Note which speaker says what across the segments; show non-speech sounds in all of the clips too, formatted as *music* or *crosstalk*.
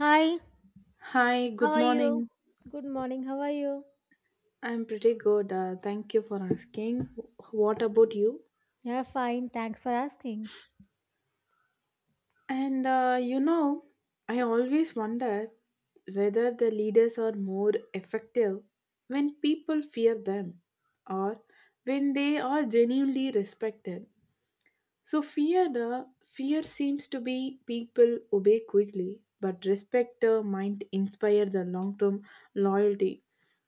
Speaker 1: Hi,
Speaker 2: Hi,
Speaker 1: how
Speaker 2: good
Speaker 1: are you?
Speaker 2: morning.
Speaker 1: Good morning. How are you?
Speaker 2: I'm pretty good. Thank you for asking. What about you?
Speaker 1: Yeah, fine. Thanks for asking.
Speaker 2: And I always wonder whether the leaders are more effective when people fear them, or when they are genuinely respected. So fear the Fear seems to be people obey quickly, but respect might inspire the long-term loyalty.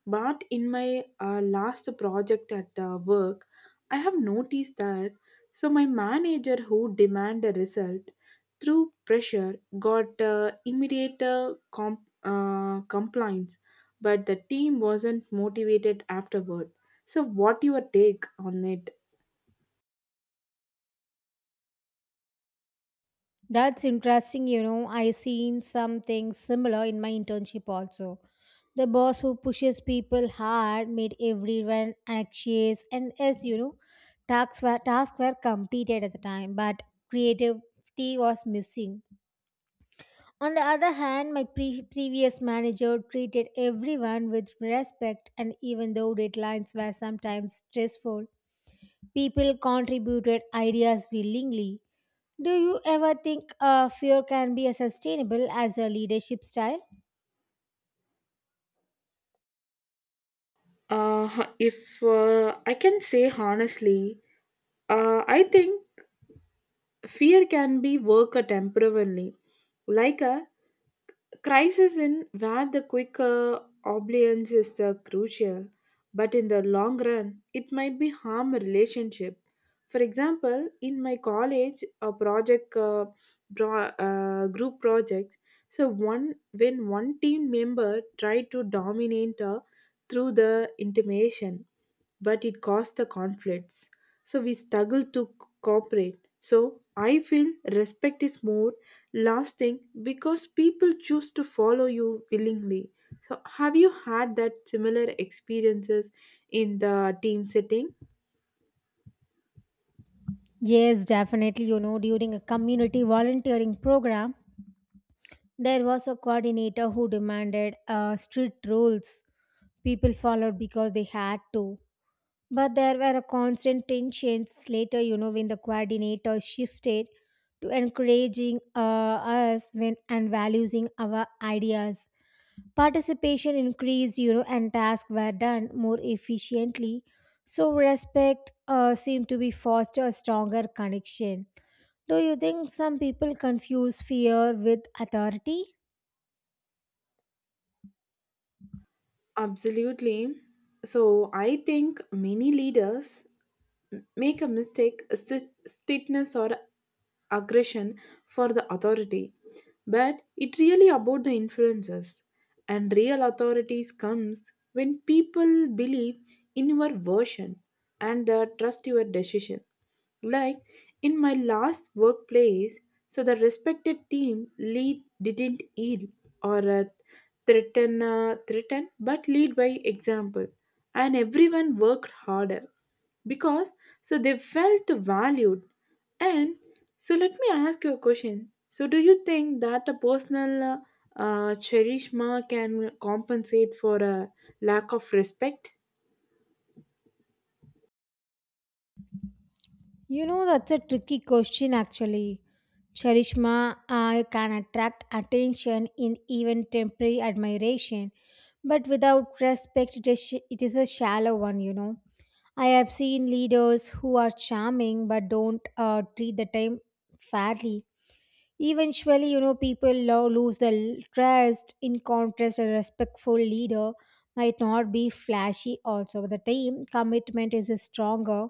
Speaker 2: But in my last project at work, I have noticed that so my manager who demand a result through pressure got immediate compliance, but the team wasn't motivated afterward. So what your take on it?
Speaker 1: That's interesting. You know, I seen something similar in my internship also. The boss who pushes people hard made everyone anxious, and as you know, tasks were completed at the time, but creativity was missing. On the other hand, my previous manager treated everyone with respect, and even though deadlines were sometimes stressful, people contributed ideas willingly. Do you ever think fear can be a sustainable as a leadership style?
Speaker 2: Uh, if I can say honestly, I think fear can be work temporarily, like a crisis in where the quick obedience is crucial, but in the long run, it might be harm a relationship. For example, in my college, a project group project. So one when one team member tried to dominate through the intimation, but it caused the conflicts. So we struggle to cooperate. So I feel respect is more lasting because people choose to follow you willingly. So have you had that similar experiences in the team setting?
Speaker 1: Yes, definitely. You know, during a community volunteering program, there was a coordinator who demanded strict rules. People followed because they had to. But there were a constant tensions later, you know, when the coordinator shifted to encouraging us when and valuing our ideas. Participation increased, you know, and tasks were done more efficiently. So respect seemed to be foster a stronger connection. Do you think some people confuse fear with authority?
Speaker 2: Absolutely. So I think many leaders make a mistake, a stiffness, or aggression for the authority. But it really about the influences. And real authorities comes when people believe in your version and trust your decision. Like in my last workplace, so the respected team lead didn't yield or threaten, but lead by example, and everyone worked harder because so they felt valued. And so let me ask you a question. So do you think that a personal cherishma can compensate for a lack of respect?
Speaker 1: You know, that's a tricky question actually. Charishma can attract attention in even temporary admiration, but without respect, it is a shallow one, you know. I have seen leaders who are charming but don't treat the time fairly. Eventually, you know, people lose the trust. In contrast, a respectful leader might not be flashy, also, but the time commitment is stronger.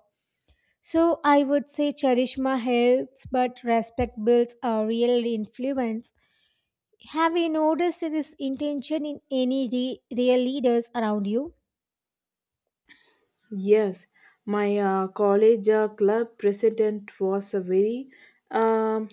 Speaker 1: So, I would say charisma helps, but respect builds a real influence. Have you noticed this intention in any real leaders around you?
Speaker 2: Yes, my college club president was a very um,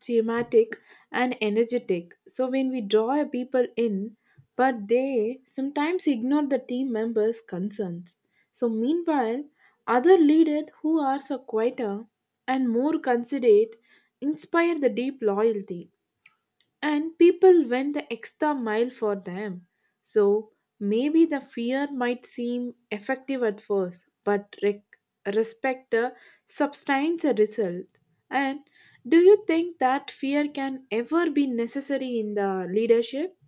Speaker 2: thematic and energetic. So when we draw people in, but they sometimes ignore the team members' concerns. So meanwhile, other leaders who are so quieter and more considerate inspire the deep loyalty, and people went the extra mile for them. So maybe the fear might seem effective at first, but respect the sustains a result. And do you think that fear can ever be necessary in the leadership?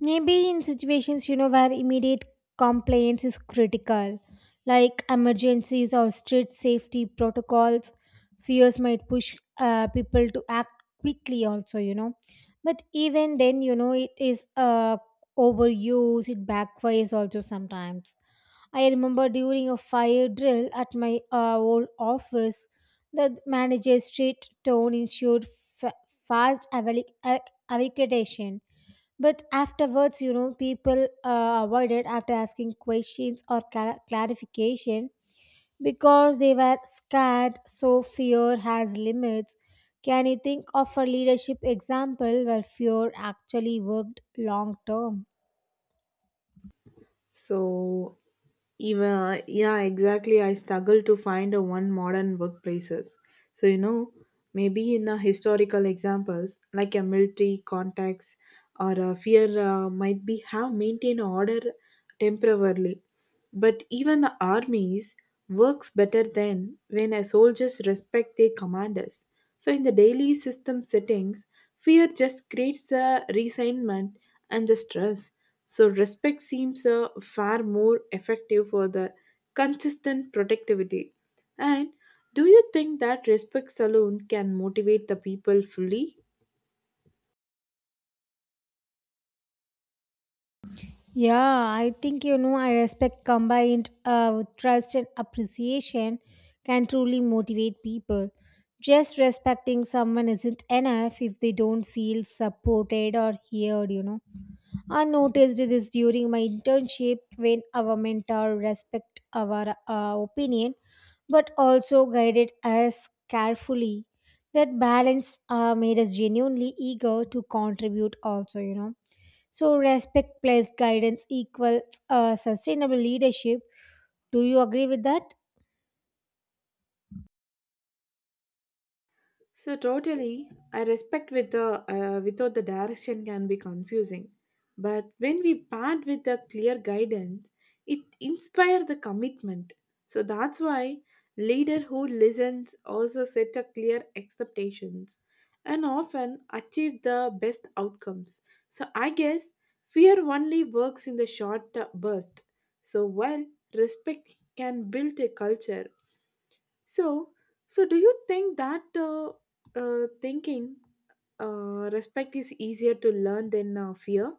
Speaker 1: Maybe in situations, you know, where immediate compliance is critical, like emergencies or strict safety protocols, fears might push people to act quickly, also, you know. But even then, you know, it is overuse, it backfires also sometimes. I remember during a fire drill at my old office, the manager's straight tone ensured fa- fast evacuation but afterwards, you know, people avoided after asking questions or clarification because they were scared. So fear has limits. Can you think of a leadership example where fear actually worked long term?
Speaker 2: So even yeah, exactly. I struggle to find a one modern workplaces. So you know, maybe in a historical examples like a military context or a fear might be have maintained order temporarily, but even armies works better than when a soldiers respect their commanders. So in the daily system settings, fear just creates a resentment and the stress. So respect seems far more effective for the consistent productivity. And do you think that respect alone can motivate the people fully?
Speaker 1: Yeah, I think you know, I respect combined with trust and appreciation can truly motivate people. Just respecting someone isn't enough if they don't feel supported or heard, you know. I noticed this during my internship when our mentor respect our opinion but also guided us carefully. That balance made us genuinely eager to contribute also, you know. So respect plus guidance equals sustainable leadership. Do you agree with that?
Speaker 2: So totally, I respect with the without the direction can be confusing, but when we part with a clear guidance, it inspire the commitment. So that's why leader who listens also set a clear expectations and often achieve the best outcomes. So I guess fear only works in the short burst. So while respect can build a culture so, so do you think that thinking respect is easier to learn than fear?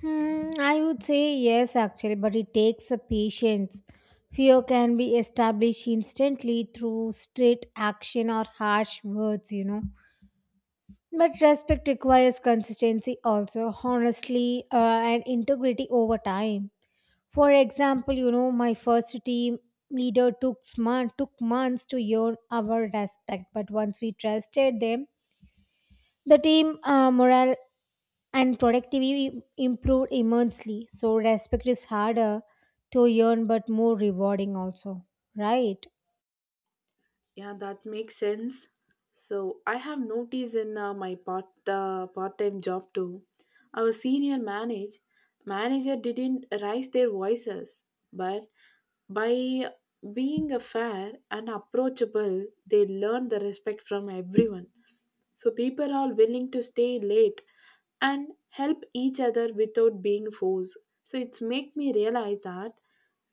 Speaker 1: I would say yes, actually, but it takes a patience. Fear can be established instantly through straight action or harsh words, you know. But respect requires consistency also, honestly, and integrity over time. For example, you know, my first team leader took months to earn our respect, but once we trusted them, the team morale and productivity improved immensely. So respect is harder to earn but more rewarding also, right?
Speaker 2: Yeah, that makes sense. So I have noticed in my part-time job too. Our senior manager didn't raise their voices, but by being fair and approachable, they learned the respect from everyone. So people are willing to stay late and help each other without being forced. So it's make me realize that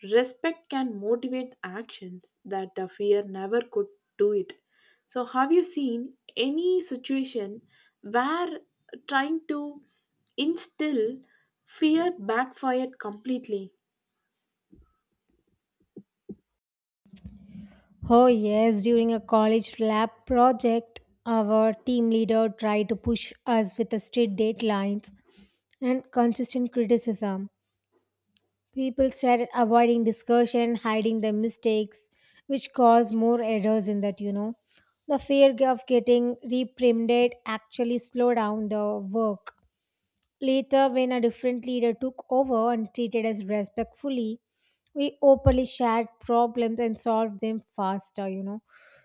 Speaker 2: respect can motivate actions that the fear never could do it. So have you seen any situation where trying to instill fear backfired completely?
Speaker 1: Oh yes, during a college lab project, our team leader tried to push us with the strict deadlines and consistent criticism. People started avoiding discussion, hiding their mistakes, which caused more errors in that, you know. The fear of getting reprimanded actually slowed down the work. Later, when a different leader took over and treated us respectfully, we openly shared problems and solved them faster, you know.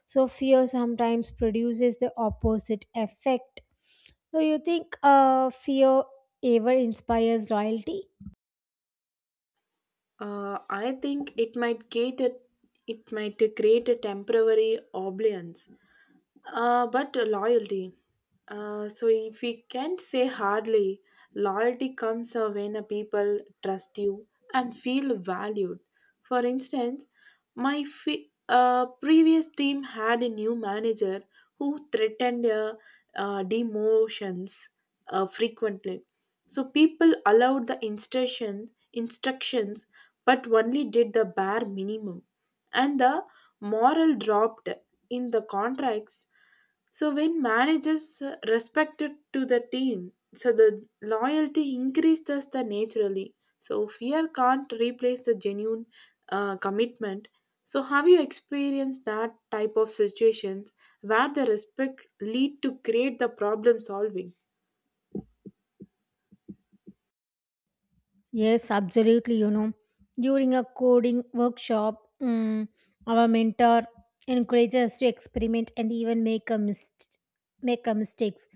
Speaker 1: So, fear sometimes produces the opposite effect. Do you think fear ever inspires loyalty?
Speaker 2: I think it might create a temporary oblivion. But loyalty. So if we can say hardly, loyalty comes when a people trust you and feel valued. For instance, my previous team had a new manager who threatened demotions frequently. So people allowed the instructions, but only did the bare minimum, and the moral dropped in the contracts. So when managers respect it to the team, so the loyalty increases the naturally. So fear can't replace the genuine commitment. So have you experienced that type of situations where the respect lead to create the problem solving?
Speaker 1: Yes, absolutely. You know, during a coding workshop, our mentor encourages us to experiment and even make a mistakes.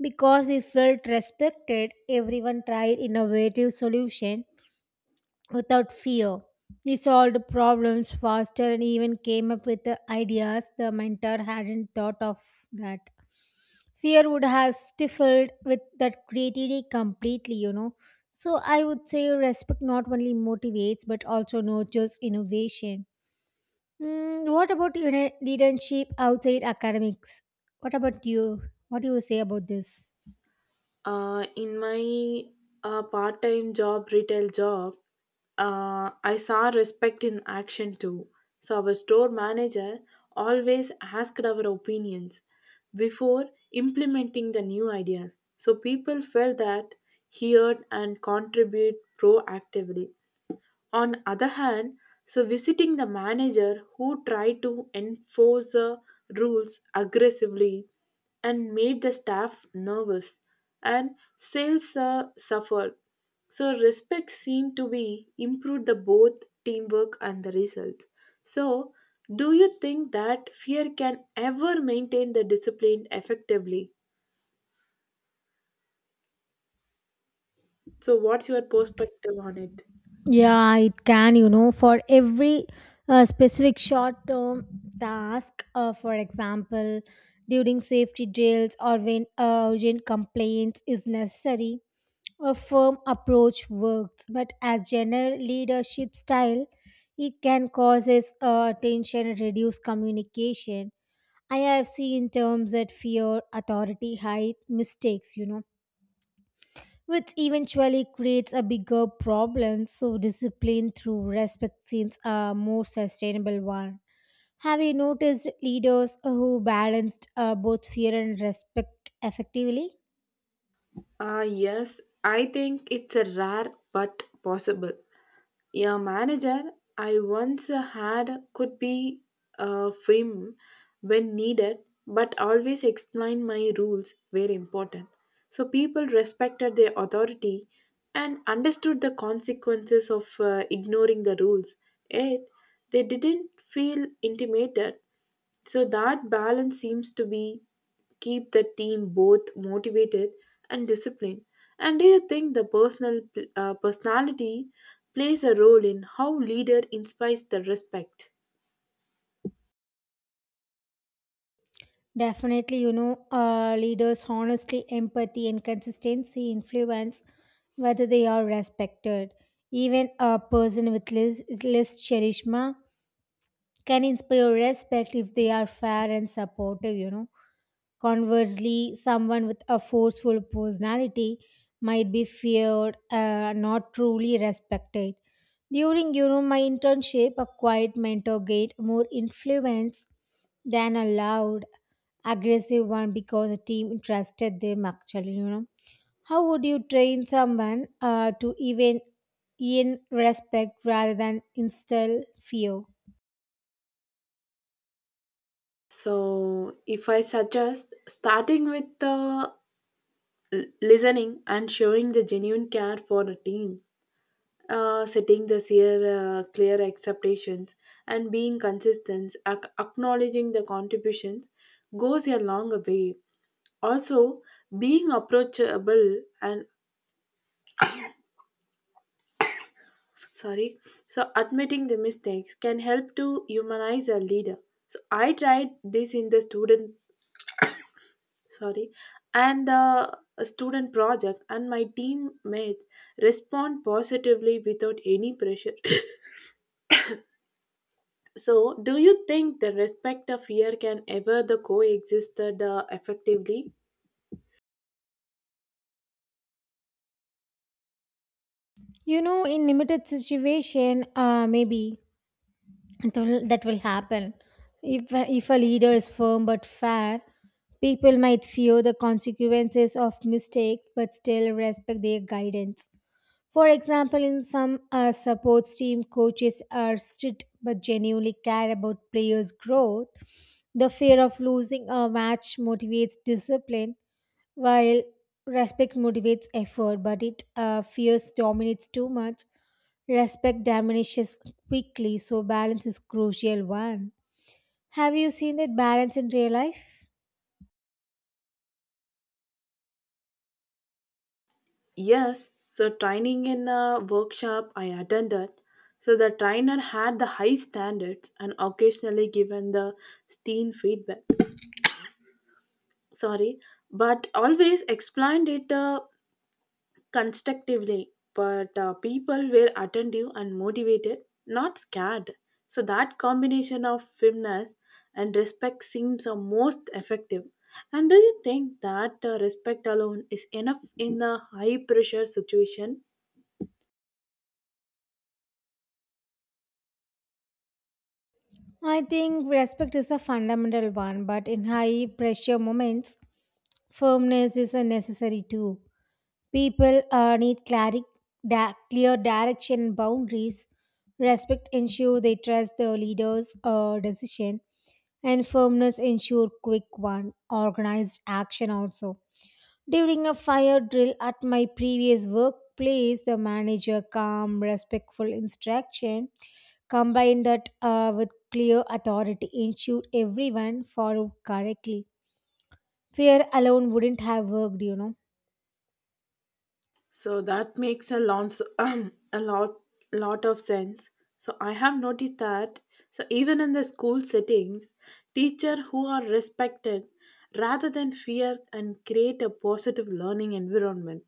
Speaker 1: Because we felt respected, everyone tried innovative solution without fear. We solved problems faster and even came up with the ideas the mentor hadn't thought of that fear would have stifled with that creativity completely, you know. So I would say respect not only motivates but also nurtures innovation. What about, you know, leadership outside academics? What about you? What do you say about this?
Speaker 2: In my part-time job, retail job, I saw respect in action too. So our store manager always asked our opinions before implementing the new ideas. So people felt that he heard and contribute proactively. On other hand, so visiting the manager who tried to enforce the rules aggressively and made the staff nervous and sales suffered. So respect seemed to be improved the both teamwork and the results. So do you think that fear can ever maintain the discipline effectively? So what's your perspective on it?
Speaker 1: Yeah, it can, you know, for every specific short term task, for example, during safety drills or when urgent complaints is necessary, a firm approach works. But as general leadership style, it can causes tension and reduce communication. I have seen terms that fear, authority, hide mistakes, you know, which eventually creates a bigger problem. So, discipline through respect seems a more sustainable one. Have you noticed leaders who balanced both fear and respect effectively?
Speaker 2: Ah, yes, I think it's a rare but possible. A manager I once had could be firm when needed, but always explained my rules were important. So people respected their authority and understood the consequences of ignoring the rules. Yet they didn't feel intimidated, so that balance seems to be keep the team both motivated and disciplined. And do you think the personality plays a role in how leader inspires the respect?
Speaker 1: Definitely, you know, leaders honestly, empathy, and consistency influence whether they are respected. Even a person with less charisma can inspire respect if they are fair and supportive, you know. Conversely, someone with a forceful personality might be feared and not truly respected. During, you know, my internship, a quiet mentor gained more influence than a loud, aggressive one because the team trusted them actually, you know. How would you train someone to even in respect rather than instill fear?
Speaker 2: So, if I suggest starting with the listening and showing the genuine care for the team, setting the clear expectations and being consistent, acknowledging the contributions goes a long way. Also, being approachable and sorry, so admitting the mistakes can help to humanize a leader. So I tried this in the sorry and the student project, and my teammates respond positively without any pressure. *coughs* So, do you think the respect of fear can ever the coexisted effectively?
Speaker 1: You know, in limited situation, maybe that will happen. If a leader is firm but fair, people might fear the consequences of mistakes but still respect their guidance. For example, in some supports team, coaches are strict but genuinely care about players' growth. The fear of losing a match motivates discipline, while respect motivates effort. But it fears dominates too much. Respect diminishes quickly, so balance is crucial one. Have you seen that balance in real life?
Speaker 2: Yes, so training in a workshop I attended. So the trainer had the high standards and occasionally given the steam feedback. Sorry, but always explained it constructively. But people were attentive and motivated, not scared. So that combination of firmness and respect seems the most effective. And do you think that respect alone is enough in a high pressure situation?
Speaker 1: I think respect is a fundamental one, but in high pressure moments, firmness is a necessary too. People need clear direction and boundaries. Respect ensure they trust their leaders' decision, and firmness ensure quick one organized action also. During a fire drill at my previous workplace, the manager calm, respectful instruction combined that with clear authority ensured everyone followed correctly. Fear alone wouldn't have worked, you know.
Speaker 2: So that makes a lot, *clears throat* a lot, lot of sense. So I have noticed that. So even in the school settings, teachers who are respected, rather than fear, and create a positive learning environment.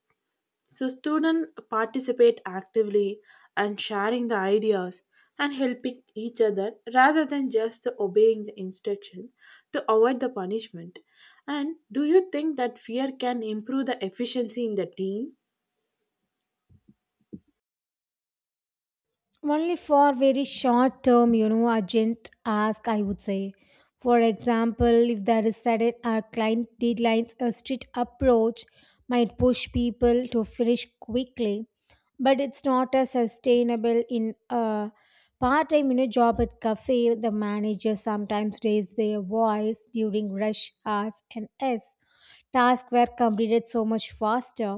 Speaker 2: So students participate actively and sharing the ideas and helping each other rather than just obeying the instruction to avoid the punishment. And do you think that fear can improve the efficiency in the team?
Speaker 1: Only for very short term, you know, urgent ask, I would say. For example, if there is sudden or client deadlines, a strict approach might push people to finish quickly, but it's not as sustainable in a part-time, you know, job at cafe. The manager sometimes raise their voice during rush hours and s tasks were completed so much faster.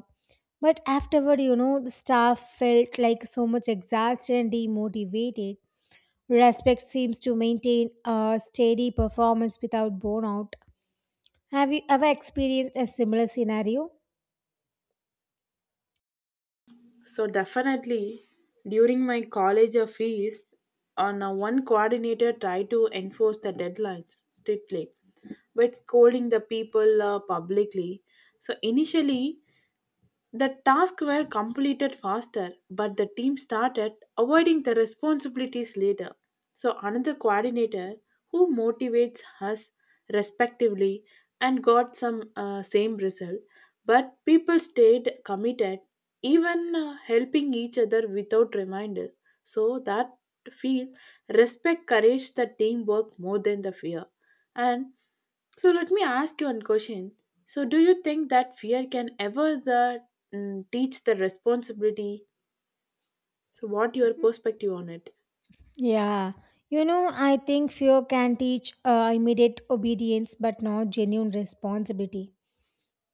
Speaker 1: But afterward, you know, the staff felt like so much exhausted and demotivated. Respect seems to maintain a steady performance without burnout. Have you ever experienced a similar scenario?
Speaker 2: So definitely, during my college fees, on one coordinator tried to enforce the deadlines strictly, but scolding the people publicly. So initially, the tasks were completed faster, but the team started avoiding the responsibilities later. So, another coordinator who motivates us respectively and got some same result, but people stayed committed, even helping each other without reminder. So, that feel respect courage the teamwork more than the fear, and so let me ask you one question. So do you think that fear can ever the teach the responsibility? So what your perspective on it?
Speaker 1: Yeah. You know, I think fear can teach immediate obedience but not genuine responsibility.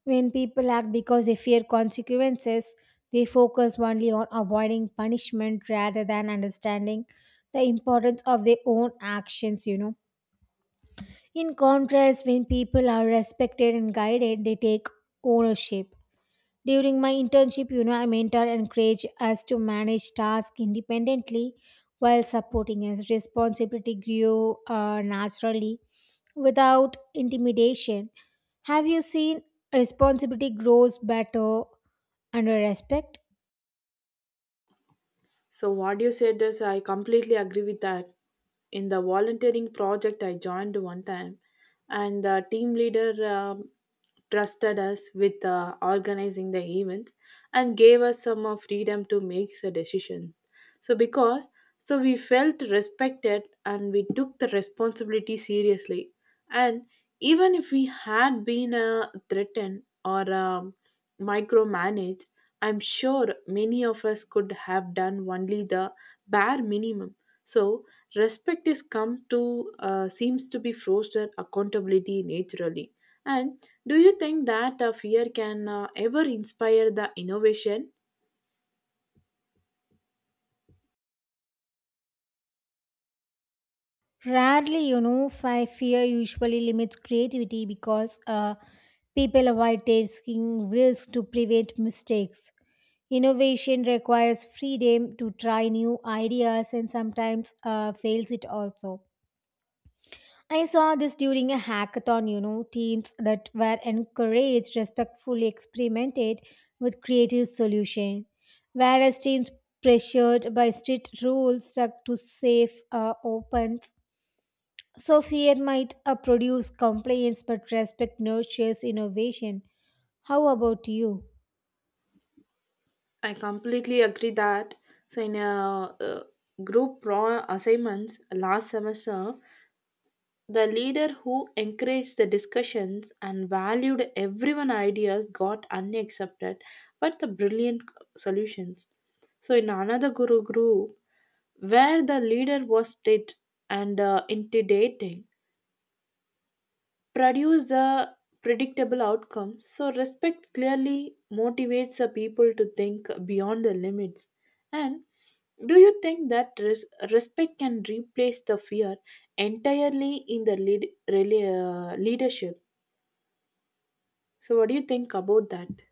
Speaker 1: When people act because they fear consequences, they focus only on avoiding punishment rather than understanding the importance of their own actions, you know. In contrast, when people are respected and guided, they take ownership. During my internship, you know, I mentor and encourage us to manage tasks independently while supporting us. Responsibility grew naturally without intimidation. Have you seen responsibility grows better under respect?
Speaker 2: So what you said is I completely agree with that. In the volunteering project I joined one time, and the team leader trusted us with organizing the events and gave us some freedom to make a decision. So because so we felt respected and we took the responsibility seriously, and even if we had been threatened or micromanaged, I'm sure many of us could have done only the bare minimum. So respect is come to seems to be foster accountability naturally. And do you think that a fear can ever inspire the innovation?
Speaker 1: Rarely, you know, fear usually limits creativity because people avoid taking risks to prevent mistakes. Innovation requires freedom to try new ideas and sometimes fails it also. I saw this during a hackathon, you know, teams that were encouraged respectfully experimented with creative solutions, whereas teams pressured by strict rules stuck to safe opens. So fear might produce compliance, but respect nurtures innovation. How about you?
Speaker 2: I completely agree that so in a group pro assignments last semester, the leader who encouraged the discussions and valued everyone's ideas got unaccepted but the brilliant solutions. So in another guru group where the leader was tit and intimidating, produce the predictable outcome. So, respect clearly motivates the people to think beyond the limits. And do you think that respect can replace the fear entirely in the leadership? So, what do you think about that?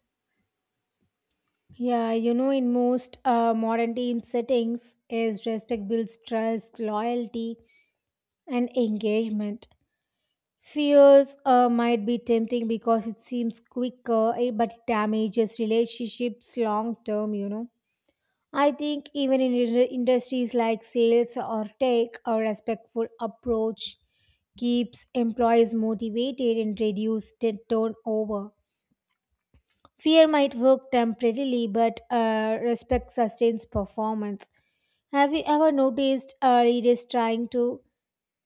Speaker 1: Yeah, you know, in most modern team settings, is respect builds trust, loyalty, and engagement. Fears might be tempting because it seems quicker, eh, but it damages relationships long term, you know. I think even in industries like sales or tech, a respectful approach keeps employees motivated and reduces turnover. Fear might work temporarily, but respect sustains performance. Have you ever noticed leaders trying to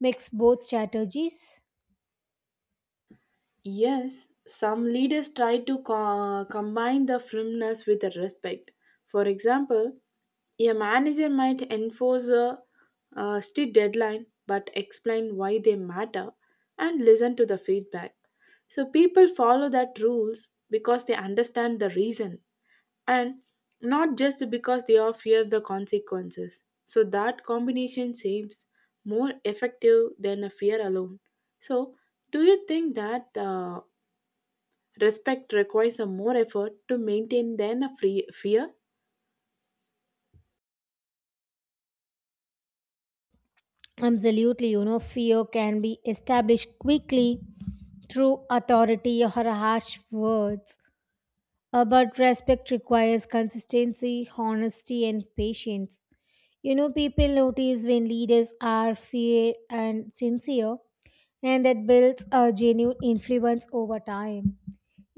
Speaker 1: mix both strategies?
Speaker 2: Yes, some leaders try to combine the firmness with the respect. For example, a manager might strict deadline but explain why they matter and listen to the feedback. So people follow that rules because they understand the reason and not just because they are fear the consequences. So that combination seems more effective than a fear alone. So, do you think that respect requires a more effort to maintain than a free fear?
Speaker 1: Absolutely, you know, fear can be established quickly through authority or harsh words. But respect requires consistency, honesty, and patience. You know, people notice when leaders are fair and sincere, and that builds a genuine influence over time.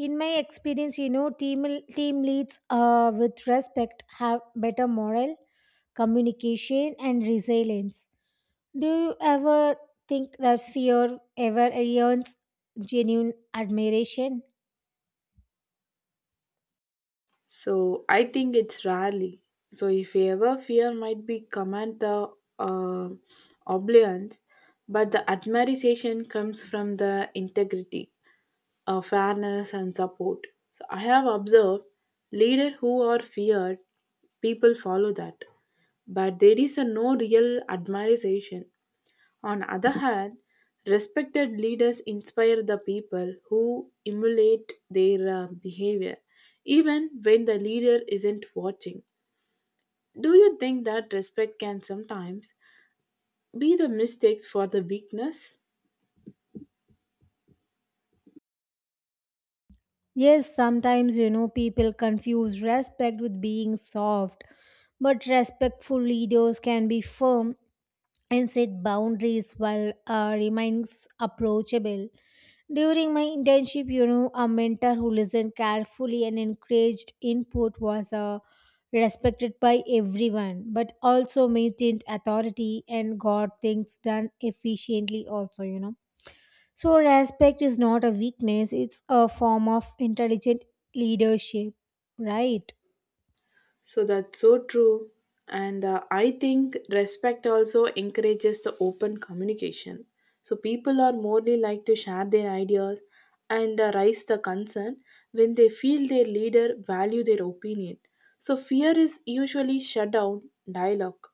Speaker 1: In my experience, you know, team leads with respect have better morale, communication, and resilience. Do you ever think that fear ever earns genuine admiration?
Speaker 2: So, I think it's rarely. So, if ever fear might be command the uh, obliance, but the admiration comes from the integrity, fairness, and support. So I have observed leaders who are feared, people follow that. But there is a no real admiration. On other hand, respected leaders inspire the people who emulate their behavior, even when the leader isn't watching. Do you think that respect can sometimes be the mistakes for the weakness?
Speaker 1: Yes, sometimes, you know, people confuse respect with being soft, but respectful leaders can be firm and set boundaries while remaining approachable. During my internship, you know, a mentor who listened carefully and encouraged input was respected by everyone, but also maintained authority and got things done efficiently, also, you know. So, respect is not a weakness, it's a form of intelligent leadership, right?
Speaker 2: So that's so true. And I think respect also encourages the open communication. So people are more likely to share their ideas and raise the concern when they feel their leader value their opinion. So fear is usually shut down dialogue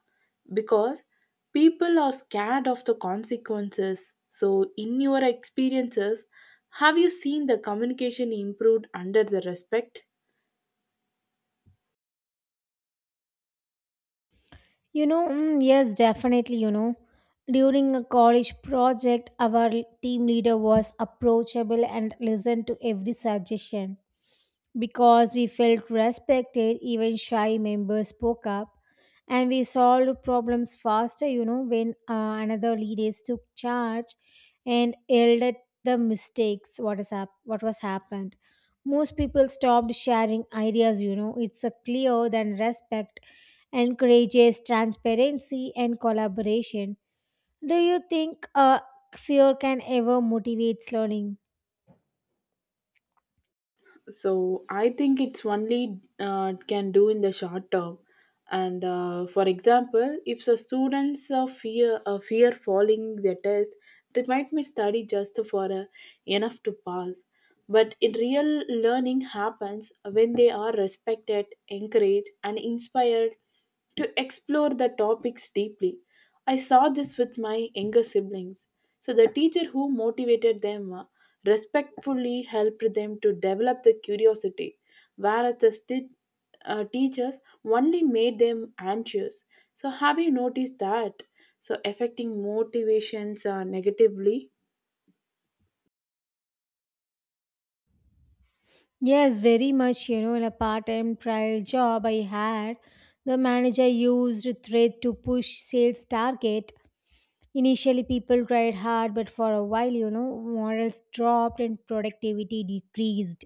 Speaker 2: because people are scared of the consequences. So in your experiences, have you seen the communication improved under the respect?
Speaker 1: You know, yes, definitely. You know, during a college project, our team leader was approachable and listened to every suggestion. Because we felt respected, even shy members spoke up and we solved problems faster. You know, when another leaders took charge and yelled at the mistakes, what was happened. Most people stopped sharing ideas. You know, it's a clear than respect encourages transparency and collaboration. Do you think fear can ever motivate learning?
Speaker 2: So I think it's only can do in the short term. And for example, if the students are fear falling their test, they might miss study just for enough to pass. But in real learning happens when they are respected, encouraged, and inspired to explore the topics deeply. I saw this with my younger siblings. So the teacher who motivated them respectfully helped them to develop the curiosity, whereas the teachers only made them anxious. So, have you noticed that? So, affecting motivations negatively.
Speaker 1: Yes, very much. You know, in a part time trial job I had, the manager used threat to push sales target. Initially, people tried hard, but for a while, you know, morals dropped and productivity decreased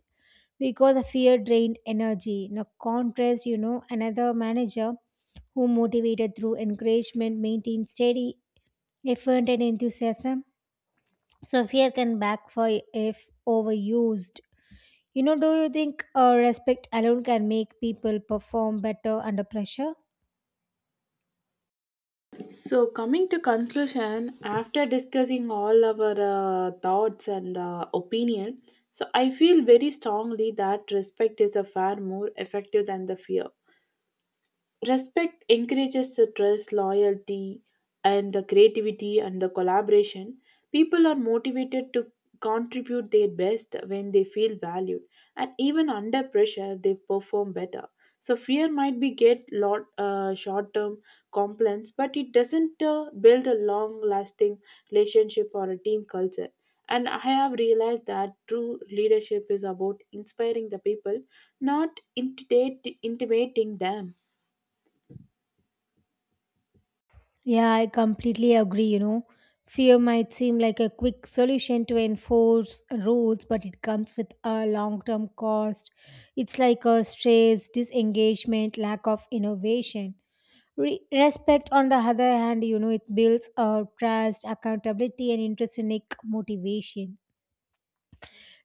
Speaker 1: because the fear drained energy. In a contrast, you know, another manager who motivated through encouragement maintained steady effort and enthusiasm. So, fear can backfire if overused. You know, do you think respect alone can make people perform better under pressure?
Speaker 2: So, coming to conclusion, after discussing all our thoughts and opinion, so I feel very strongly that respect is a far more effective than the fear. Respect encourages the trust, loyalty, and the creativity and the collaboration. People are motivated to contribute their best when they feel valued, and even under pressure, they perform better. So fear might be get lot short-term complaints, but it doesn't build a long-lasting relationship or a team culture. And I have realized that true leadership is about inspiring the people, not intimidating them.
Speaker 1: Yeah, I completely agree. You know, fear might seem like a quick solution to enforce rules, but it comes with a long term cost. It's like a stress, disengagement, lack of innovation. Respect, on the other hand, you know, it builds trust, accountability, and intrinsic motivation.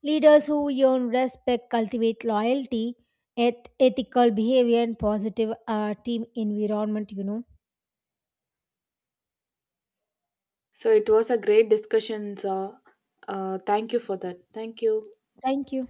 Speaker 1: Leaders who earn respect cultivate loyalty, ethical behavior, and positive team environment, you know.
Speaker 2: So it was a great discussion. Thank you for that. Thank you.
Speaker 1: Thank you.